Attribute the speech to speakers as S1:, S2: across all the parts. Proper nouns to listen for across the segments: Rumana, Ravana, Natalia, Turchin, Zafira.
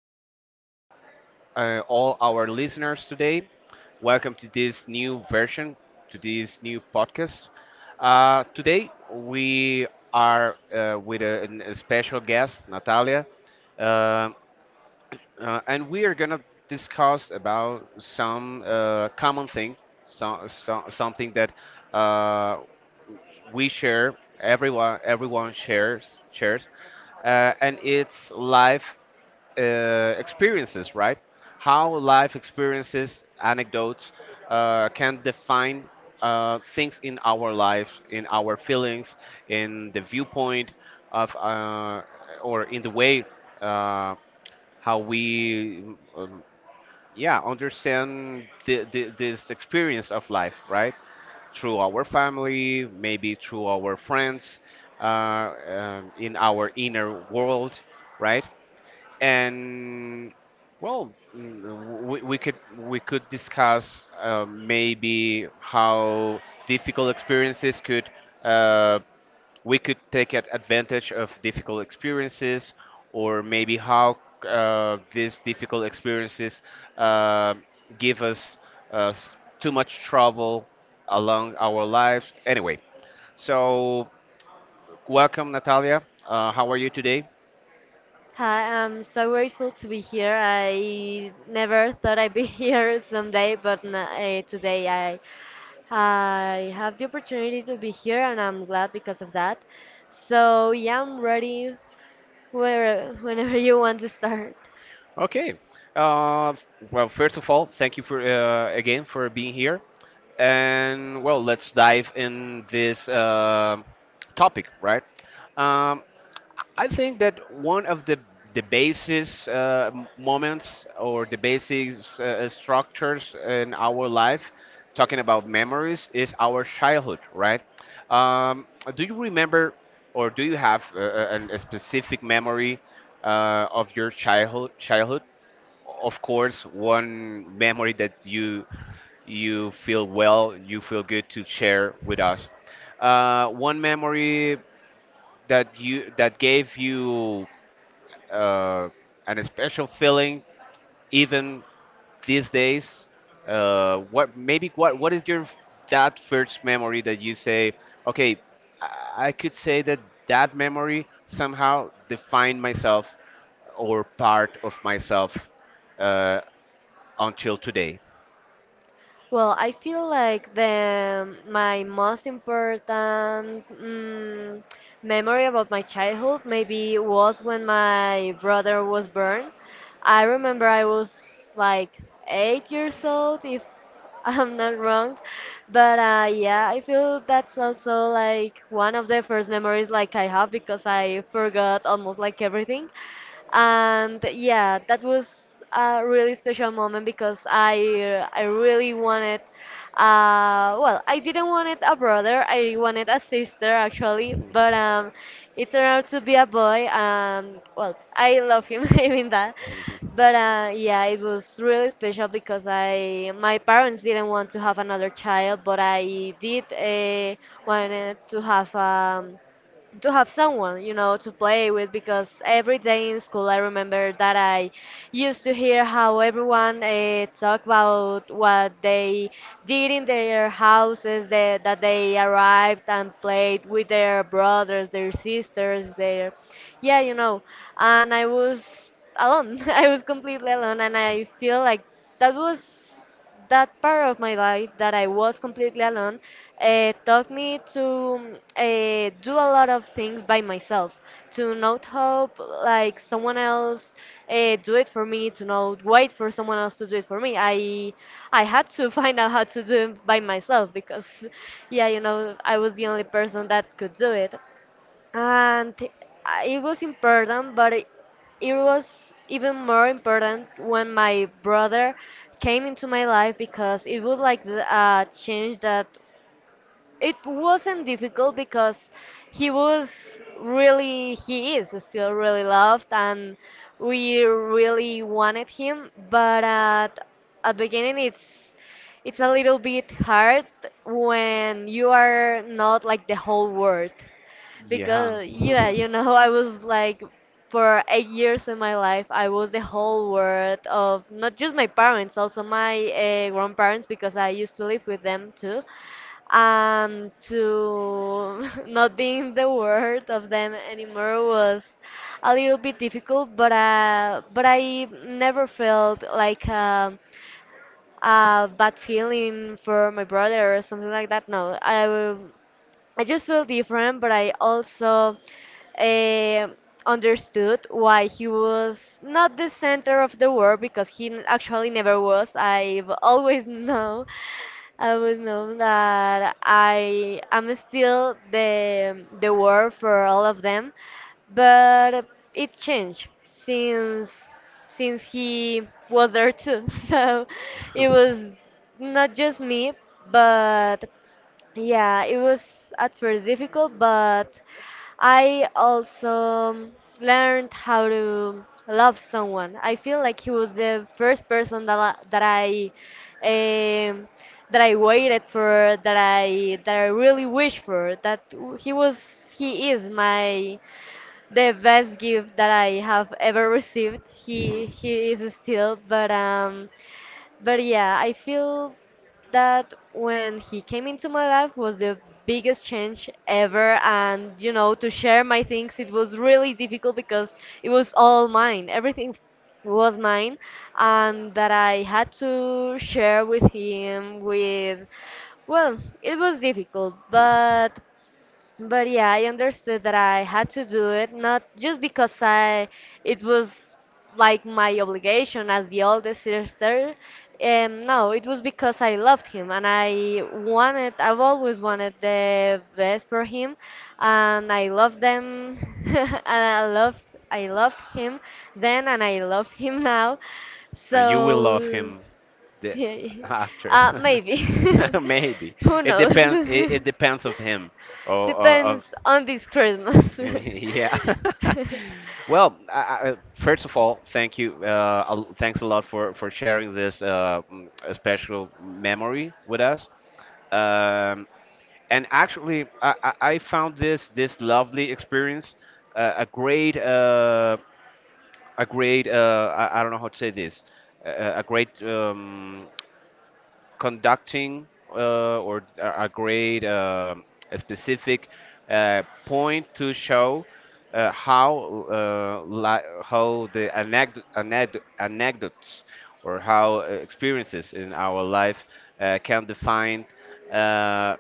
S1: hello to all our listeners today. Welcome to this new version, to this new podcast. Today, we are with a special guest, Natalia, uh, and we are going to discuss about some common thing, something that uh, we share everyone shares shares and it's life experiences, right? How life experiences, anecdotes, can define things in our lives, in our feelings, in the viewpoint of or in the way uh, how we um, yeah, understand this experience of life, right? Through our family, maybe through our friends, in our inner world, right? And well, we could discuss maybe how difficult experiences could uh, we could take advantage of difficult experiences, or maybe how these difficult experiences uh, give us too much trouble along our lives anyway. So, welcome, Natalia. How are you today?
S2: Hi, I'm so grateful to be here. I never thought I'd be here someday, but today I have the opportunity to be here, and I'm glad because of that. So yeah, I'm ready whenever you want to start.
S1: Okay. uh, f- well, first of all, thank you for again, for being here. And well, let's dive in this topic, right? um, I think that one of the basis moments, or the basis structures in our life, talking about memories, is our childhood, right? Um, do you remember, or do you have a specific memory of your childhood? Childhood, of course, one memory that you feel well, you feel good to share with us. One memory that you that gave you uh, and a special feeling even these days. What what is your that first memory that you say, okay, i I could say that that memory somehow defined myself, or part of myself, uh, until today.
S2: Well, I feel like the my most important memory about my childhood maybe was when my brother was born. I remember I was like 8 years old, if I'm not wrong. But yeah, I feel that's also like one of the first memories like I have because I forgot almost like everything, and yeah, that was a really special moment because I really wanted. Well, I didn't want it a brother, I wanted a sister actually, but it turned out to be a boy, and well, I love him even that.
S1: Mhm.
S2: But yeah, it was really special because I, my parents didn't want to have another child, but I did wanted to have, to have someone, you know, to play with, because every day in school I remember that I used to hear how everyone talk about what they did in their houses, that they arrived and played with their brothers, their sisters, their, yeah, you know. And I was alone. I was completely alone, and I feel like that was, that part of my life that I was completely alone, taught me to do a lot of things by myself, to not hope like someone else do it for me, to not wait for someone else to do it for me. I had to find out how to do it by myself because, yeah, you know, I was the only person that could do it, and it was important, but it was even more important when my brother came into my life, because it was like a change that it wasn't difficult because he was really, he is still really loved, and we really wanted him, but at beginning it's a little bit hard when you are not like the whole world,
S1: Yeah.
S2: because yeah, you know, I was like, for 8 years in my life I was the whole world of not just my parents, also my grandparents, because I used to live with them too. And to not being the word of them anymore was a little bit difficult, but I never felt like a bad feeling for my brother or something like that. No I I just feel different, but I also uh, understood why he was not the center of the world, because he actually never was. I've always known I would know that I am still the word for all of them, but it changed since since he was there too. So it was not just me, but yeah, it was at first difficult, but I also learned how to love someone. I feel like he was the first person that that I, um, that I waited for, that I really wish for. That he was, he is my, the best gift that I have ever received. He is still, but yeah, I feel that when he came into my life was the biggest change ever. And you know, to share my things, it was really difficult because it was all mine. Everything was mine, and that I had to share with him with, well, it was difficult, but yeah, I understood that I had to do it, not just because I, it was like my obligation as the oldest sister. No, it was because I loved him and I wanted, I've always wanted the best for him, and I loved them, and I love, I loved him then, and I love him now.
S1: And you will love
S2: So,
S1: him the,
S2: yeah,
S1: after.
S2: maybe,
S1: Maybe
S2: who
S1: it
S2: knows?
S1: depends. It, it depends of him. Or of
S2: Depends on this Christmas.
S1: yeah. Well, first of all, thank you. Thanks a lot for sharing this special memory with us. Um, and actually, I found this this lovely experience uh, a great uh, a great I don't know how to say this a great conducting, or a great a specific point to show how how the anecdotes, or how experiences in our life can define uh,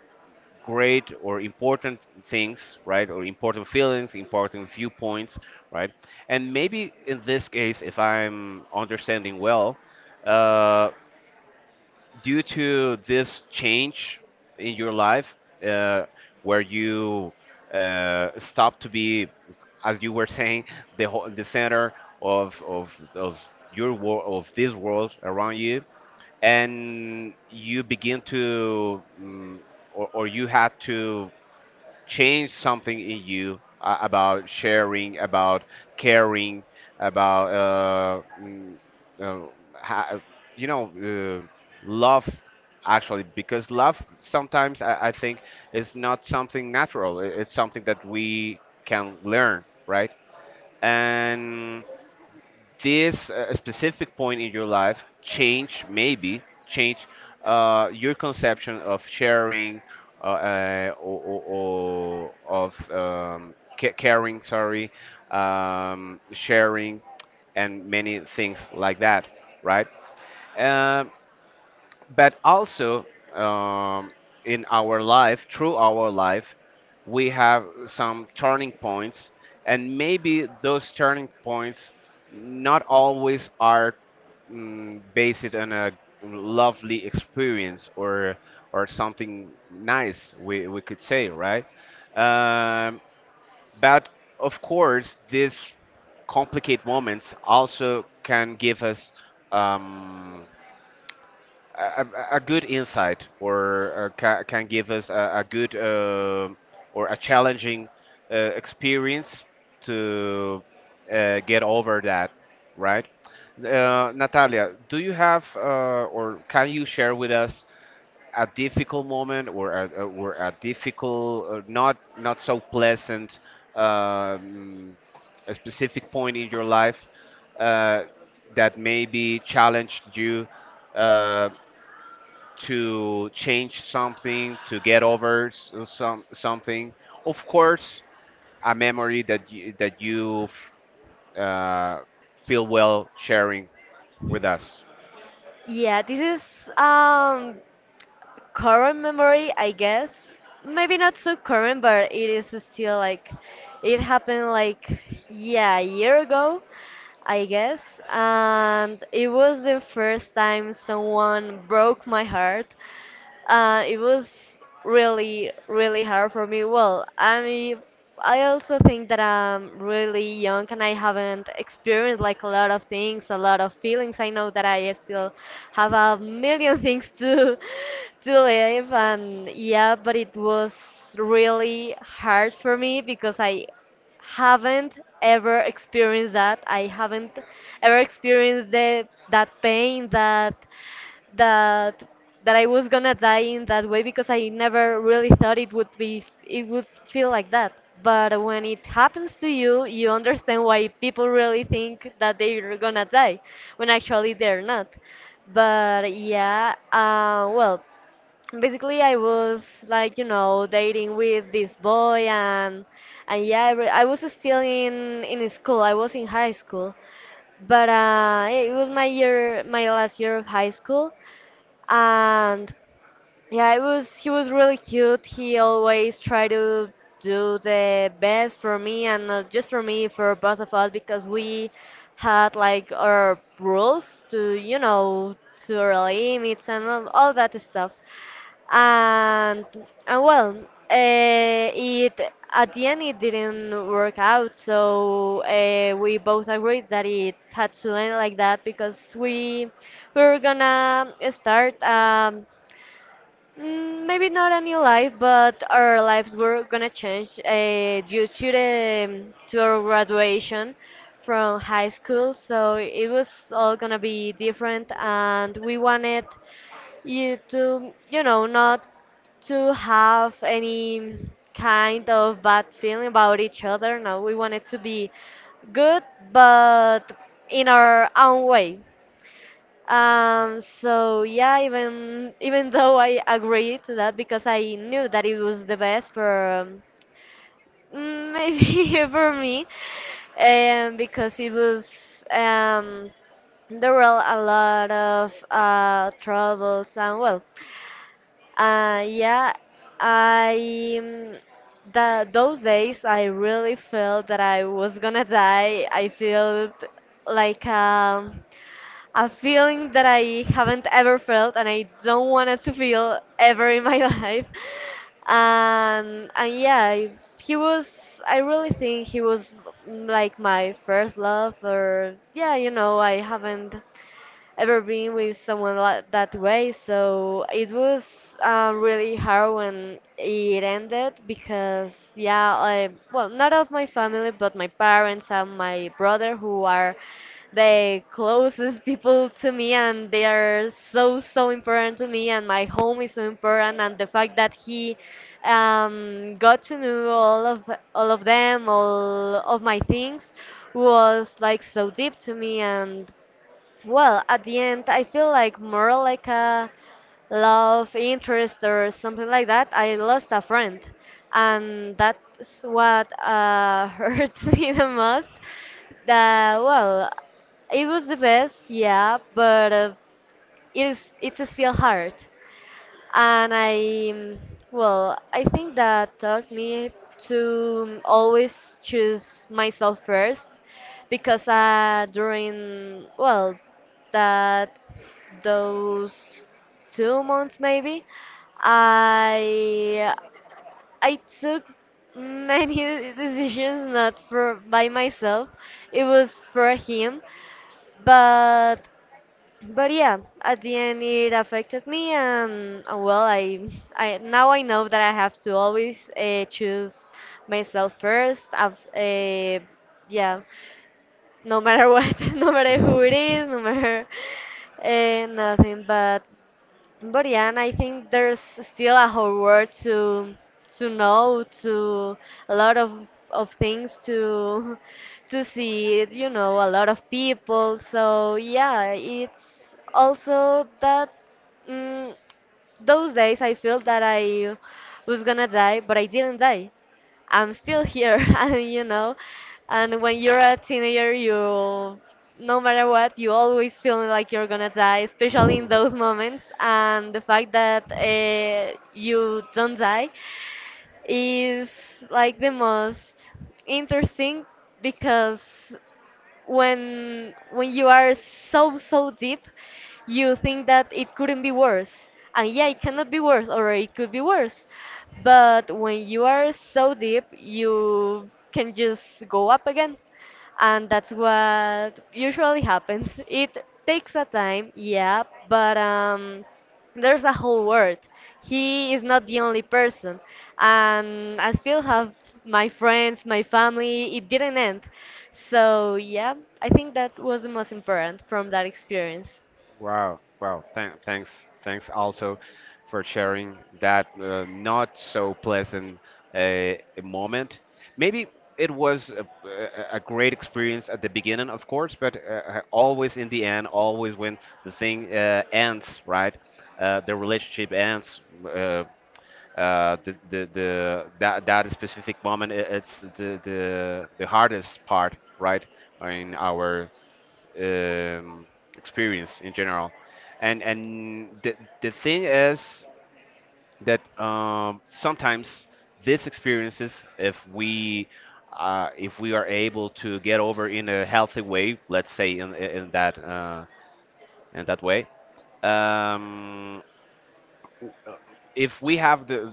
S1: great or important things, right? Or important feelings, important viewpoints, right? And maybe in this case, if I'm understanding well, uh, due to this change in your life uh, where you stopped to be, as you were saying, the whole, the center of your world, of this world around you, and you begin to or you had to change something in you about sharing, about caring, about uh, ha- uh, you know, uh, love, actually, because love sometimes, I think, is not something natural. I- It's something that we can learn, right? And this specific point in your life change maybe change your conception of sharing, or of caring, sorry, sharing, and many things like that, right? Um, but also, um, in our life, through our life, we have some turning points, and maybe those turning points not always are based on a lovely experience, or something nice, we could say, right? um, but of course, these complicated moments also can give us um, a good insight, or ca can give us a good or a challenging experience to get over that, right? Natalia, do you have or can you share with us a difficult moment, or or a difficult, not not so pleasant, um, a specific point in your life uh, that maybe challenged you? Uh, to change something, to get over some something. Of course, a memory that you uh, feel well sharing with us.
S2: Yeah, this is current memory, I guess. Maybe not so current, but it is still like it happened like, yeah, a year ago, I guess. And it was the first time someone broke my heart. It was really, really hard for me. Well, I mean, I also think that I'm really young and I haven't experienced like a lot of things, a lot of feelings. I know that I still have a million things to to live, and yeah, but it was really hard for me, because I haven't ever experienced that. I haven't ever experienced that pain, that that I was gonna die in that way, because I never really thought it would be, it would feel like that. But when it happens to you, you understand why people really think that they're gonna die when actually they're not. But yeah, well, basically I was like, you know, dating with this boy, and yeah, I was still in school, I was in high school, but it was my year, my last year of high school. And yeah, it was, he was really cute. He always tried to do the best for me, and not just for me, for both of us, because we had like our rules to, you know, to our limits, and all that stuff. And and well, it at the end it didn't work out, so we both agreed that it had to end like that, because we were gonna start. Mm, maybe not a new life, but our lives were gonna change due to the, to our graduation from high school. So it was all gonna be different, and we wanted you to, you know, not to have any kind of bad feeling about each other. No, we wanted to be good, but in our own way. So yeah, even even though I agreed to that, because I knew that it was the best for, mm, maybe for me, and because it was, um, there were a lot of troubles and well, yeah, I, the those days I really felt that I was gonna die. I felt like, a feeling that I haven't ever felt, and I don't want it to feel ever in my life. And yeah, I-, he was, I really think he was, like my first love, or yeah, you know, I haven't ever been with someone like that way. So it was really hard when it ended, because, yeah, I, well, not of my family, but my parents and my brother, who are the closest people to me, and they are so, so important to me, and my home is so important, and the fact that he got to know all of, all of them, all of my things, was like so deep to me. And well, at the end, I feel like more like a love interest or something like that. I lost a friend, and that's what hurt me the most. That well, it was the best, yeah, but it is, it's still hard. And I, well, I think that taught me to always choose myself first, because during, well, that, those 2 months maybe, I I took many decisions not for by myself. It was for him, but yeah, at the end it affected me, and well, I now I know that I have to always choose myself first. I've, yeah, no matter what, no matter who it is, no matter nothing. But yeah, and I think there's still a whole world to know, to, a lot of things to to see, you know, a lot of people. So yeah, it's also that. mm those days I felt that I was gonna die, but I didn't die. I'm still here, and you know, and when you're a teenager, you, no matter what, you always feel like you're gonna die, especially in those moments. And the fact that you don't die is like the most interesting, because when you are so, so deep, you think that it couldn't be worse, and yeah, it cannot be worse, or it could be worse, but when you are so deep you can just go up again, and that's what usually happens. It takes a time, yeah, but there's a whole world. He is not the only person. And I still have my friends, my family. It didn't end. So, yeah, I think that was the most important from that experience.
S1: Wow, wow. Thanks, thanks also for sharing that not so pleasant uh, moment. Maybe it was a great experience at the beginning, of course, but always in the end, always when the thing ends, right? The relationship ends. The that that specific moment it's the hardest part, right? In our um, experience in general. And the thing is that sometimes these experiences, if we are able to get over in a healthy way, let's say in that way, um, uh, if we have the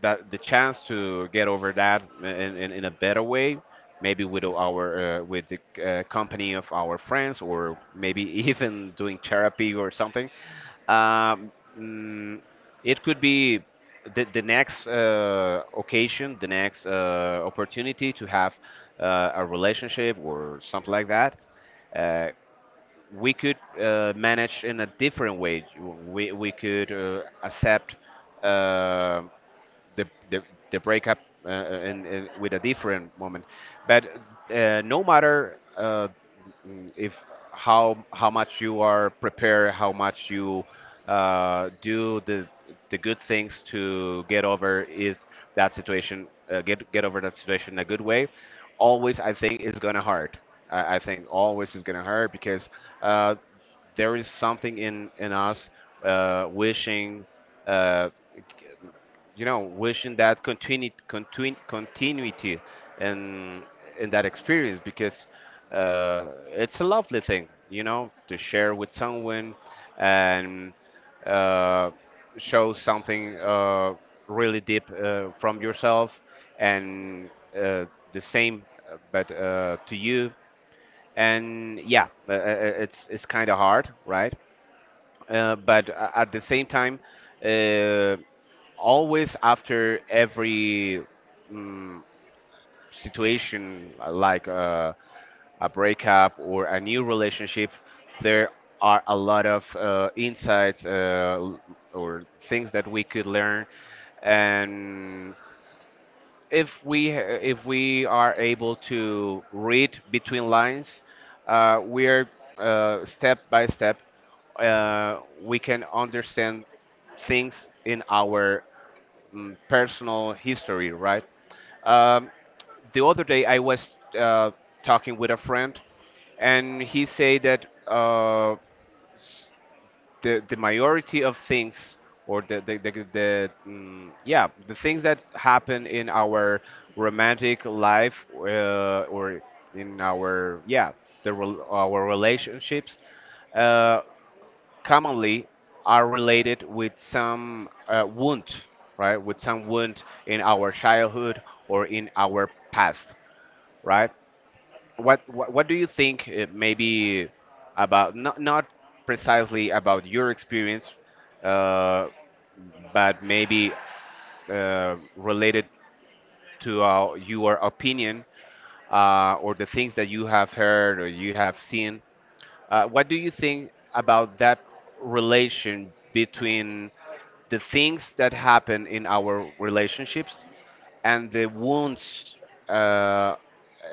S1: that the chance to get over that in a better way, maybe with our with the company of our friends, or maybe even doing therapy or something, um, mm, it could be the next occasion, the next opportunity to have a relationship or something like that. Uh, we could manage in a different way. We could accept um the the, the breakup and with a different woman. But no matter if how how much you are prepared, how much you do the good things to get over is that situation get over that situation in a good way. Always, I think, is gonna hurt. I think always is gonna hurt because uh, there is something in us wishing. Uh, you know, wishing that continuity and in that experience because it's a lovely thing, you know, to share with someone and uh, show something really deep from yourself and uh, the same, but to you. And yeah, it's kind of hard, right? But at the same time. Uh, Always after every mm, situation like a breakup or a new relationship, there are a lot of insights, or things that we could learn. And if we if we are able to read between lines we're step by step we can understand things in our personal history, right? Um, the other day, I was talking with a friend, and he said that s- the majority of things, or the yeah, the things that happen in our romantic life, or in our yeah, the our relationships. Uh, commonly are related with some wound, right? With some wound in our childhood or in our past, right? What do you think maybe about not not precisely about your experience, uh, but maybe related to your opinion or the things that you have heard or you have seen. What do you think about that relation between the things that happen in our relationships and the wounds uh,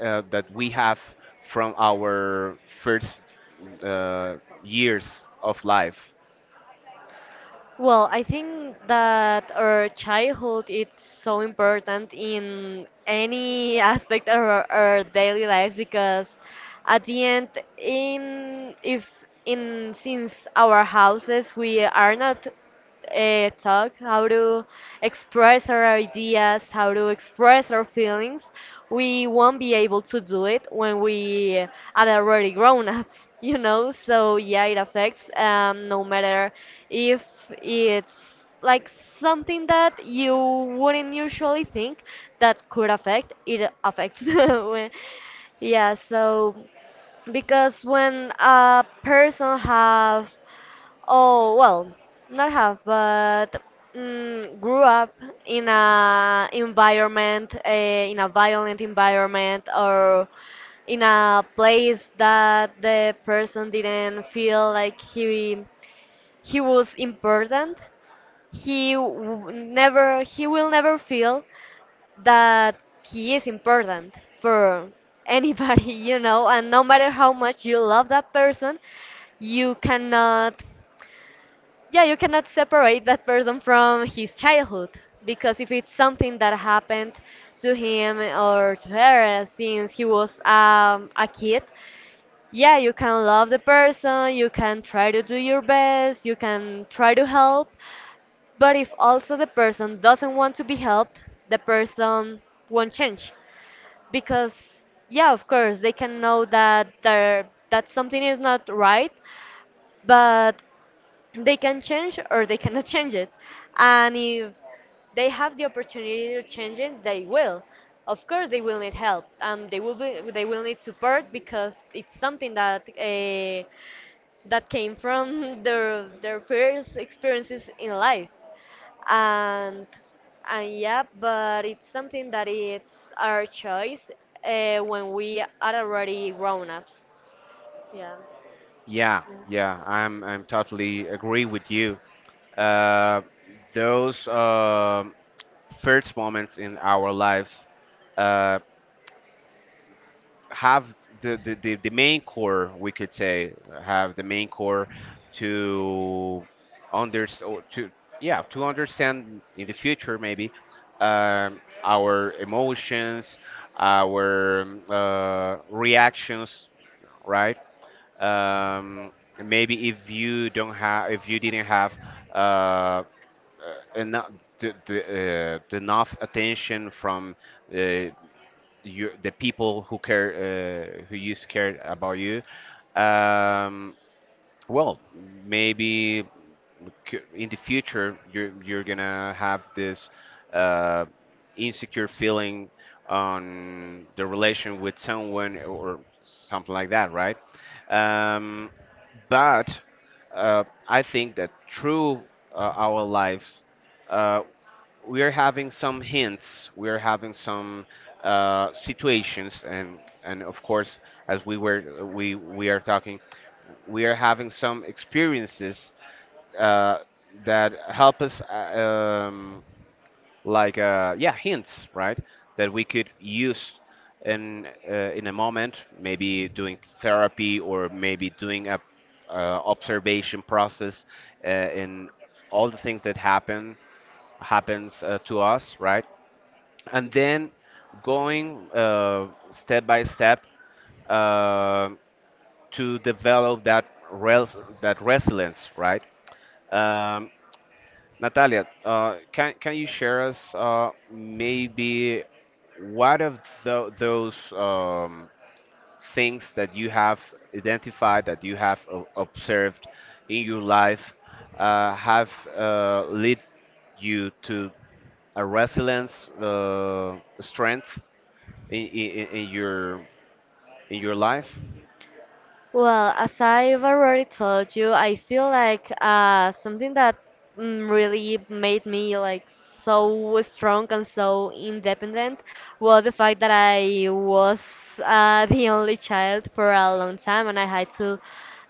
S1: that we have from our first uh, years of life.
S2: Well, I think that our childhood is so important in any aspect of our daily life because at the end in if in since our houses we are not talk, how to express our ideas, how to express our feelings, we won't be able to do it when we are already grown ups, you know? So, yeah, it affects, no matter if it's like something that you wouldn't usually think that could affect, it affects. Yeah, so because when a person have oh, well, not have, but grew up in a environment, in a violent environment, or in a place that the person didn't feel like he was important. He will never feel that he is important for anybody, you know. And no matter how much you love that person, you cannot yeah, you cannot separate that person from his childhood because if it's something that happened to him or to her since he was a kid, yeah, you can love the person, you can try to do your best, you can try to help, but if also the person doesn't want to be helped, the person won't change because yeah, of course they can know that there that something is not right, but they can change or they cannot change it. And if they have the opportunity to change it, they will. Of course, they will need help and they will they will need support because it's something that that came from their first experiences in life. And and yeah, but it's something that it's our choice when we are already grown ups. Yeah.
S1: Yeah, yeah, I'm totally agree with you. Uh, those first moments in our lives. Uh, have the main core, we could say, have the main core to under or to yeah to understand in the future maybe our emotions, our reactions, right? Um, maybe if you don't have if you didn't have uh, enough the enough attention from uh, your the people who care who used to care about you, um, well, maybe in the future you're gonna have this uh, insecure feeling on the relation with someone or something like that, right? um, but I think that through our lives, uh, we are having some hints, we are having some situations, and of course, as we were we are talking, we are having some experiences uh, that help us, like yeah, hints, right? That we could use in a moment, maybe doing therapy or maybe doing a observation process in all the things that happen happens to us, right? And then going step by step uh, to develop that res- that resilience, right? Um, Natalia, can you share us maybe what of those things that you have identified that you have observed in your life have led you to a resilience strength in, in, in your in your life.
S2: Well, as I've already told you, I feel like something that really made me like so strong and so independent was the fact that I was the only child for a long time, and I had to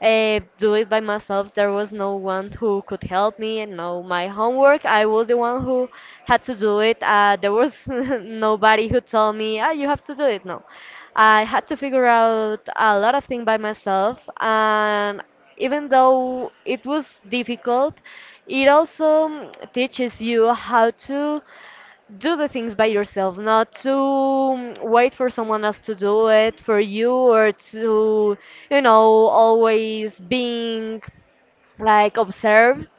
S2: do it by myself. There was no one who could help me. And no, my homework, I was the one who had to do it. There was nobody who told me, ah, you have to do it. No, I had to figure out a lot of things by myself. And even though it was difficult, it also teaches you how to do the things by yourself, not to wait for someone else to do it for you or to, you know, always being like observed.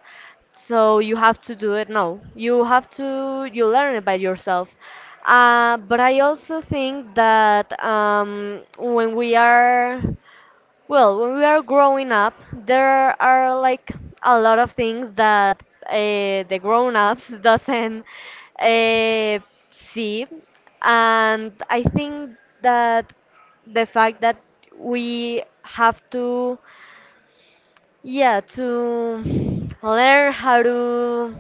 S2: So you have to do it. No, you have to, you learn it by yourself. But I also think that when we are well, when we are growing up, there are like a lot of things that uh, the grown-ups doesn't uh, see, and I think that the fact that we have to, yeah, to learn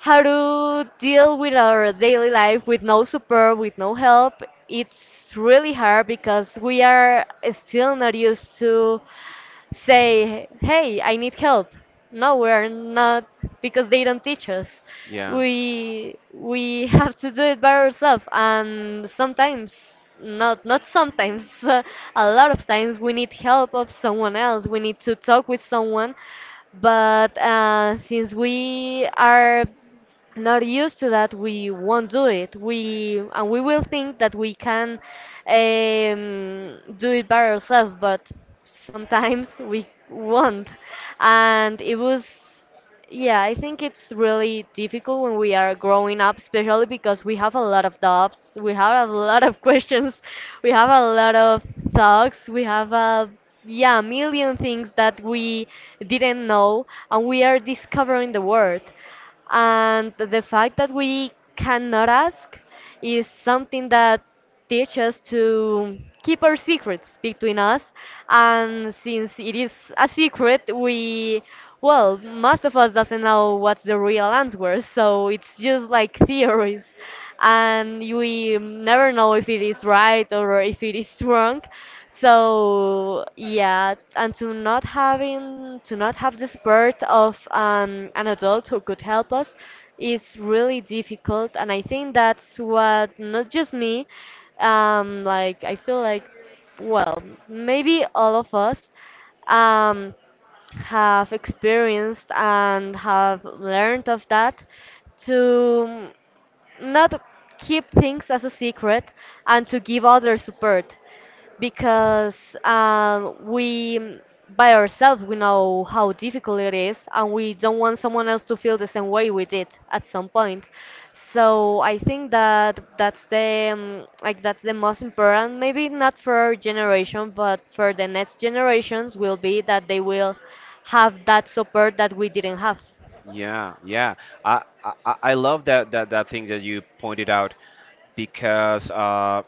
S2: how to deal with our daily life with no support, with no help, it's really hard because we are still not used to say, hey, I need help. No, we're not because they don't teach us.
S1: Yeah,
S2: We have to do it by ourselves, and sometimes, not sometimes, a lot of times we need help of someone else. We need to talk with someone, but since we are not used to that, we won't do it. We and we will think that we can do it by ourselves, but sometimes we won't. And it was, yeah, I think it's really difficult when we are growing up, especially because we have a lot of doubts, we have a lot of questions, we have a lot of thoughts, we have a yeah, a million things that we didn't know, and we are discovering the world, and the fact that we cannot ask is something that teach us to keep our secrets between us. And since it is a secret we well, most of us doesn't know what's the real answer, so it's just like theories, and we never know if it is right or if it is wrong. So yeah, and to not having to not have the support of an adult who could help us is really difficult. And I think that's what not just me, like I feel like well, maybe all of us um have experienced and have learned of that, to not keep things as a secret and to give others support, because we by ourselves we know how difficult it is, and we don't want someone else to feel the same way we did at some point. So I think that that's the like that's the most important, maybe not for our generation, but for the next generations will be that they will have that support that we didn't have.
S1: yeah, yeah, I love that, that that thing that you pointed out because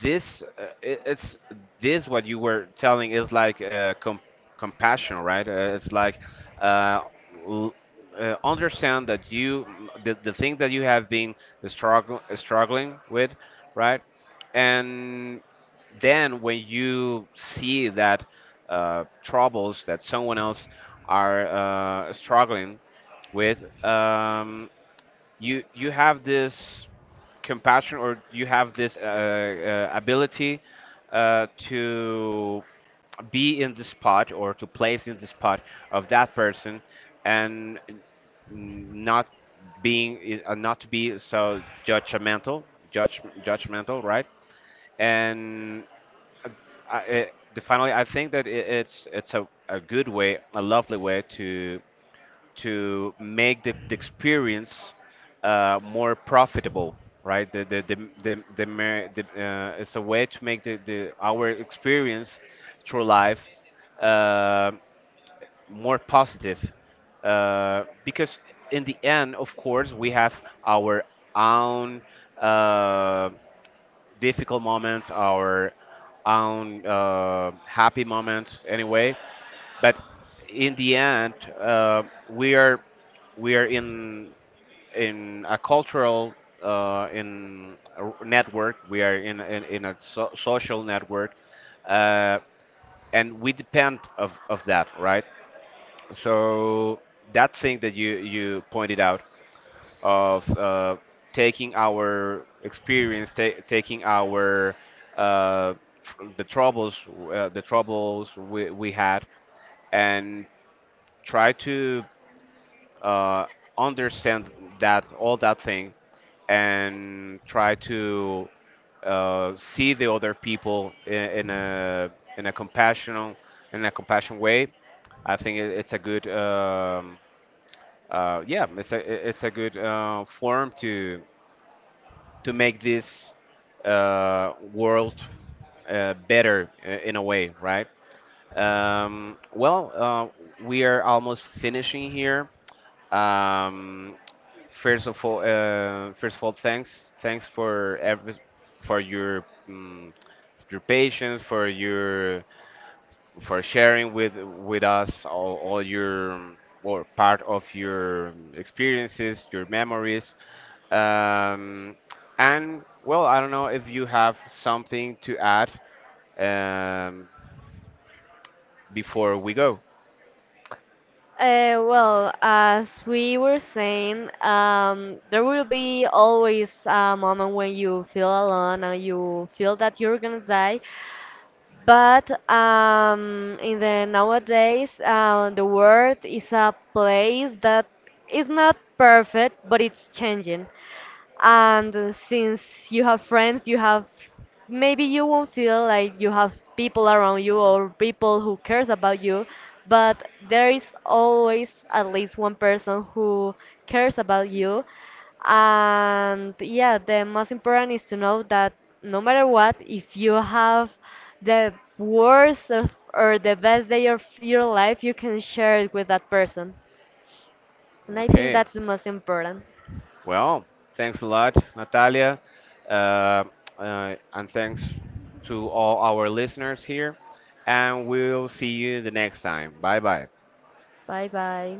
S1: this it's this what you were telling is like compassion, right? It's like uh, l- understand that you the thing that you have been struggling with, right? And then when you see that troubles that someone else are struggling with, you you have this compassion, or you have this ability to be in the spot or to place in the spot of that person and not being not to be so judgmental judge judgmental, right? And finally, I think that it's a good way, a lovely way to make the experience more profitable, right? The, it's a way to make the, our experience through life uh, more positive. Because in the end, of course, we have our own uh, difficult moments, our own happy moments, anyway. But in the end, uh, we are we are in a cultural network. We are in a social network, uh, and we depend of that, right? So that thing that you pointed out of taking our experience, taking our uh, tr- the troubles, the troubles we had, and try to uh, understand that all that thing and try to see the other people in a compassionate in a compassion way. I think it's a good yeah, it's a it's a good form to make this world better in a way, right? Well, we are almost finishing here. Um, First of all, thanks, thanks for every, for your patience, for your for sharing with us all your or part of your experiences, your memories. Um, and well, I don't know if you have something to add, um, before we go.
S2: Well, as we were saying, there will be always a moment when you feel alone and you feel that you're gonna die. But in the nowadays, the world is a place that is not perfect, but it's changing, and since you have friends, you have maybe you won't feel like you have people around you or people who cares about you, but there is always at least one person who cares about you. And yeah, the most important is to know that no matter what, if you have the worst of, or the best day of your life, you can share it with that person. And I think
S1: Okay.
S2: that's the most important.
S1: Well, thanks a lot, Natalia. Uh, and thanks to all our listeners here. And we'll see you the next time. Bye bye.
S2: Bye bye.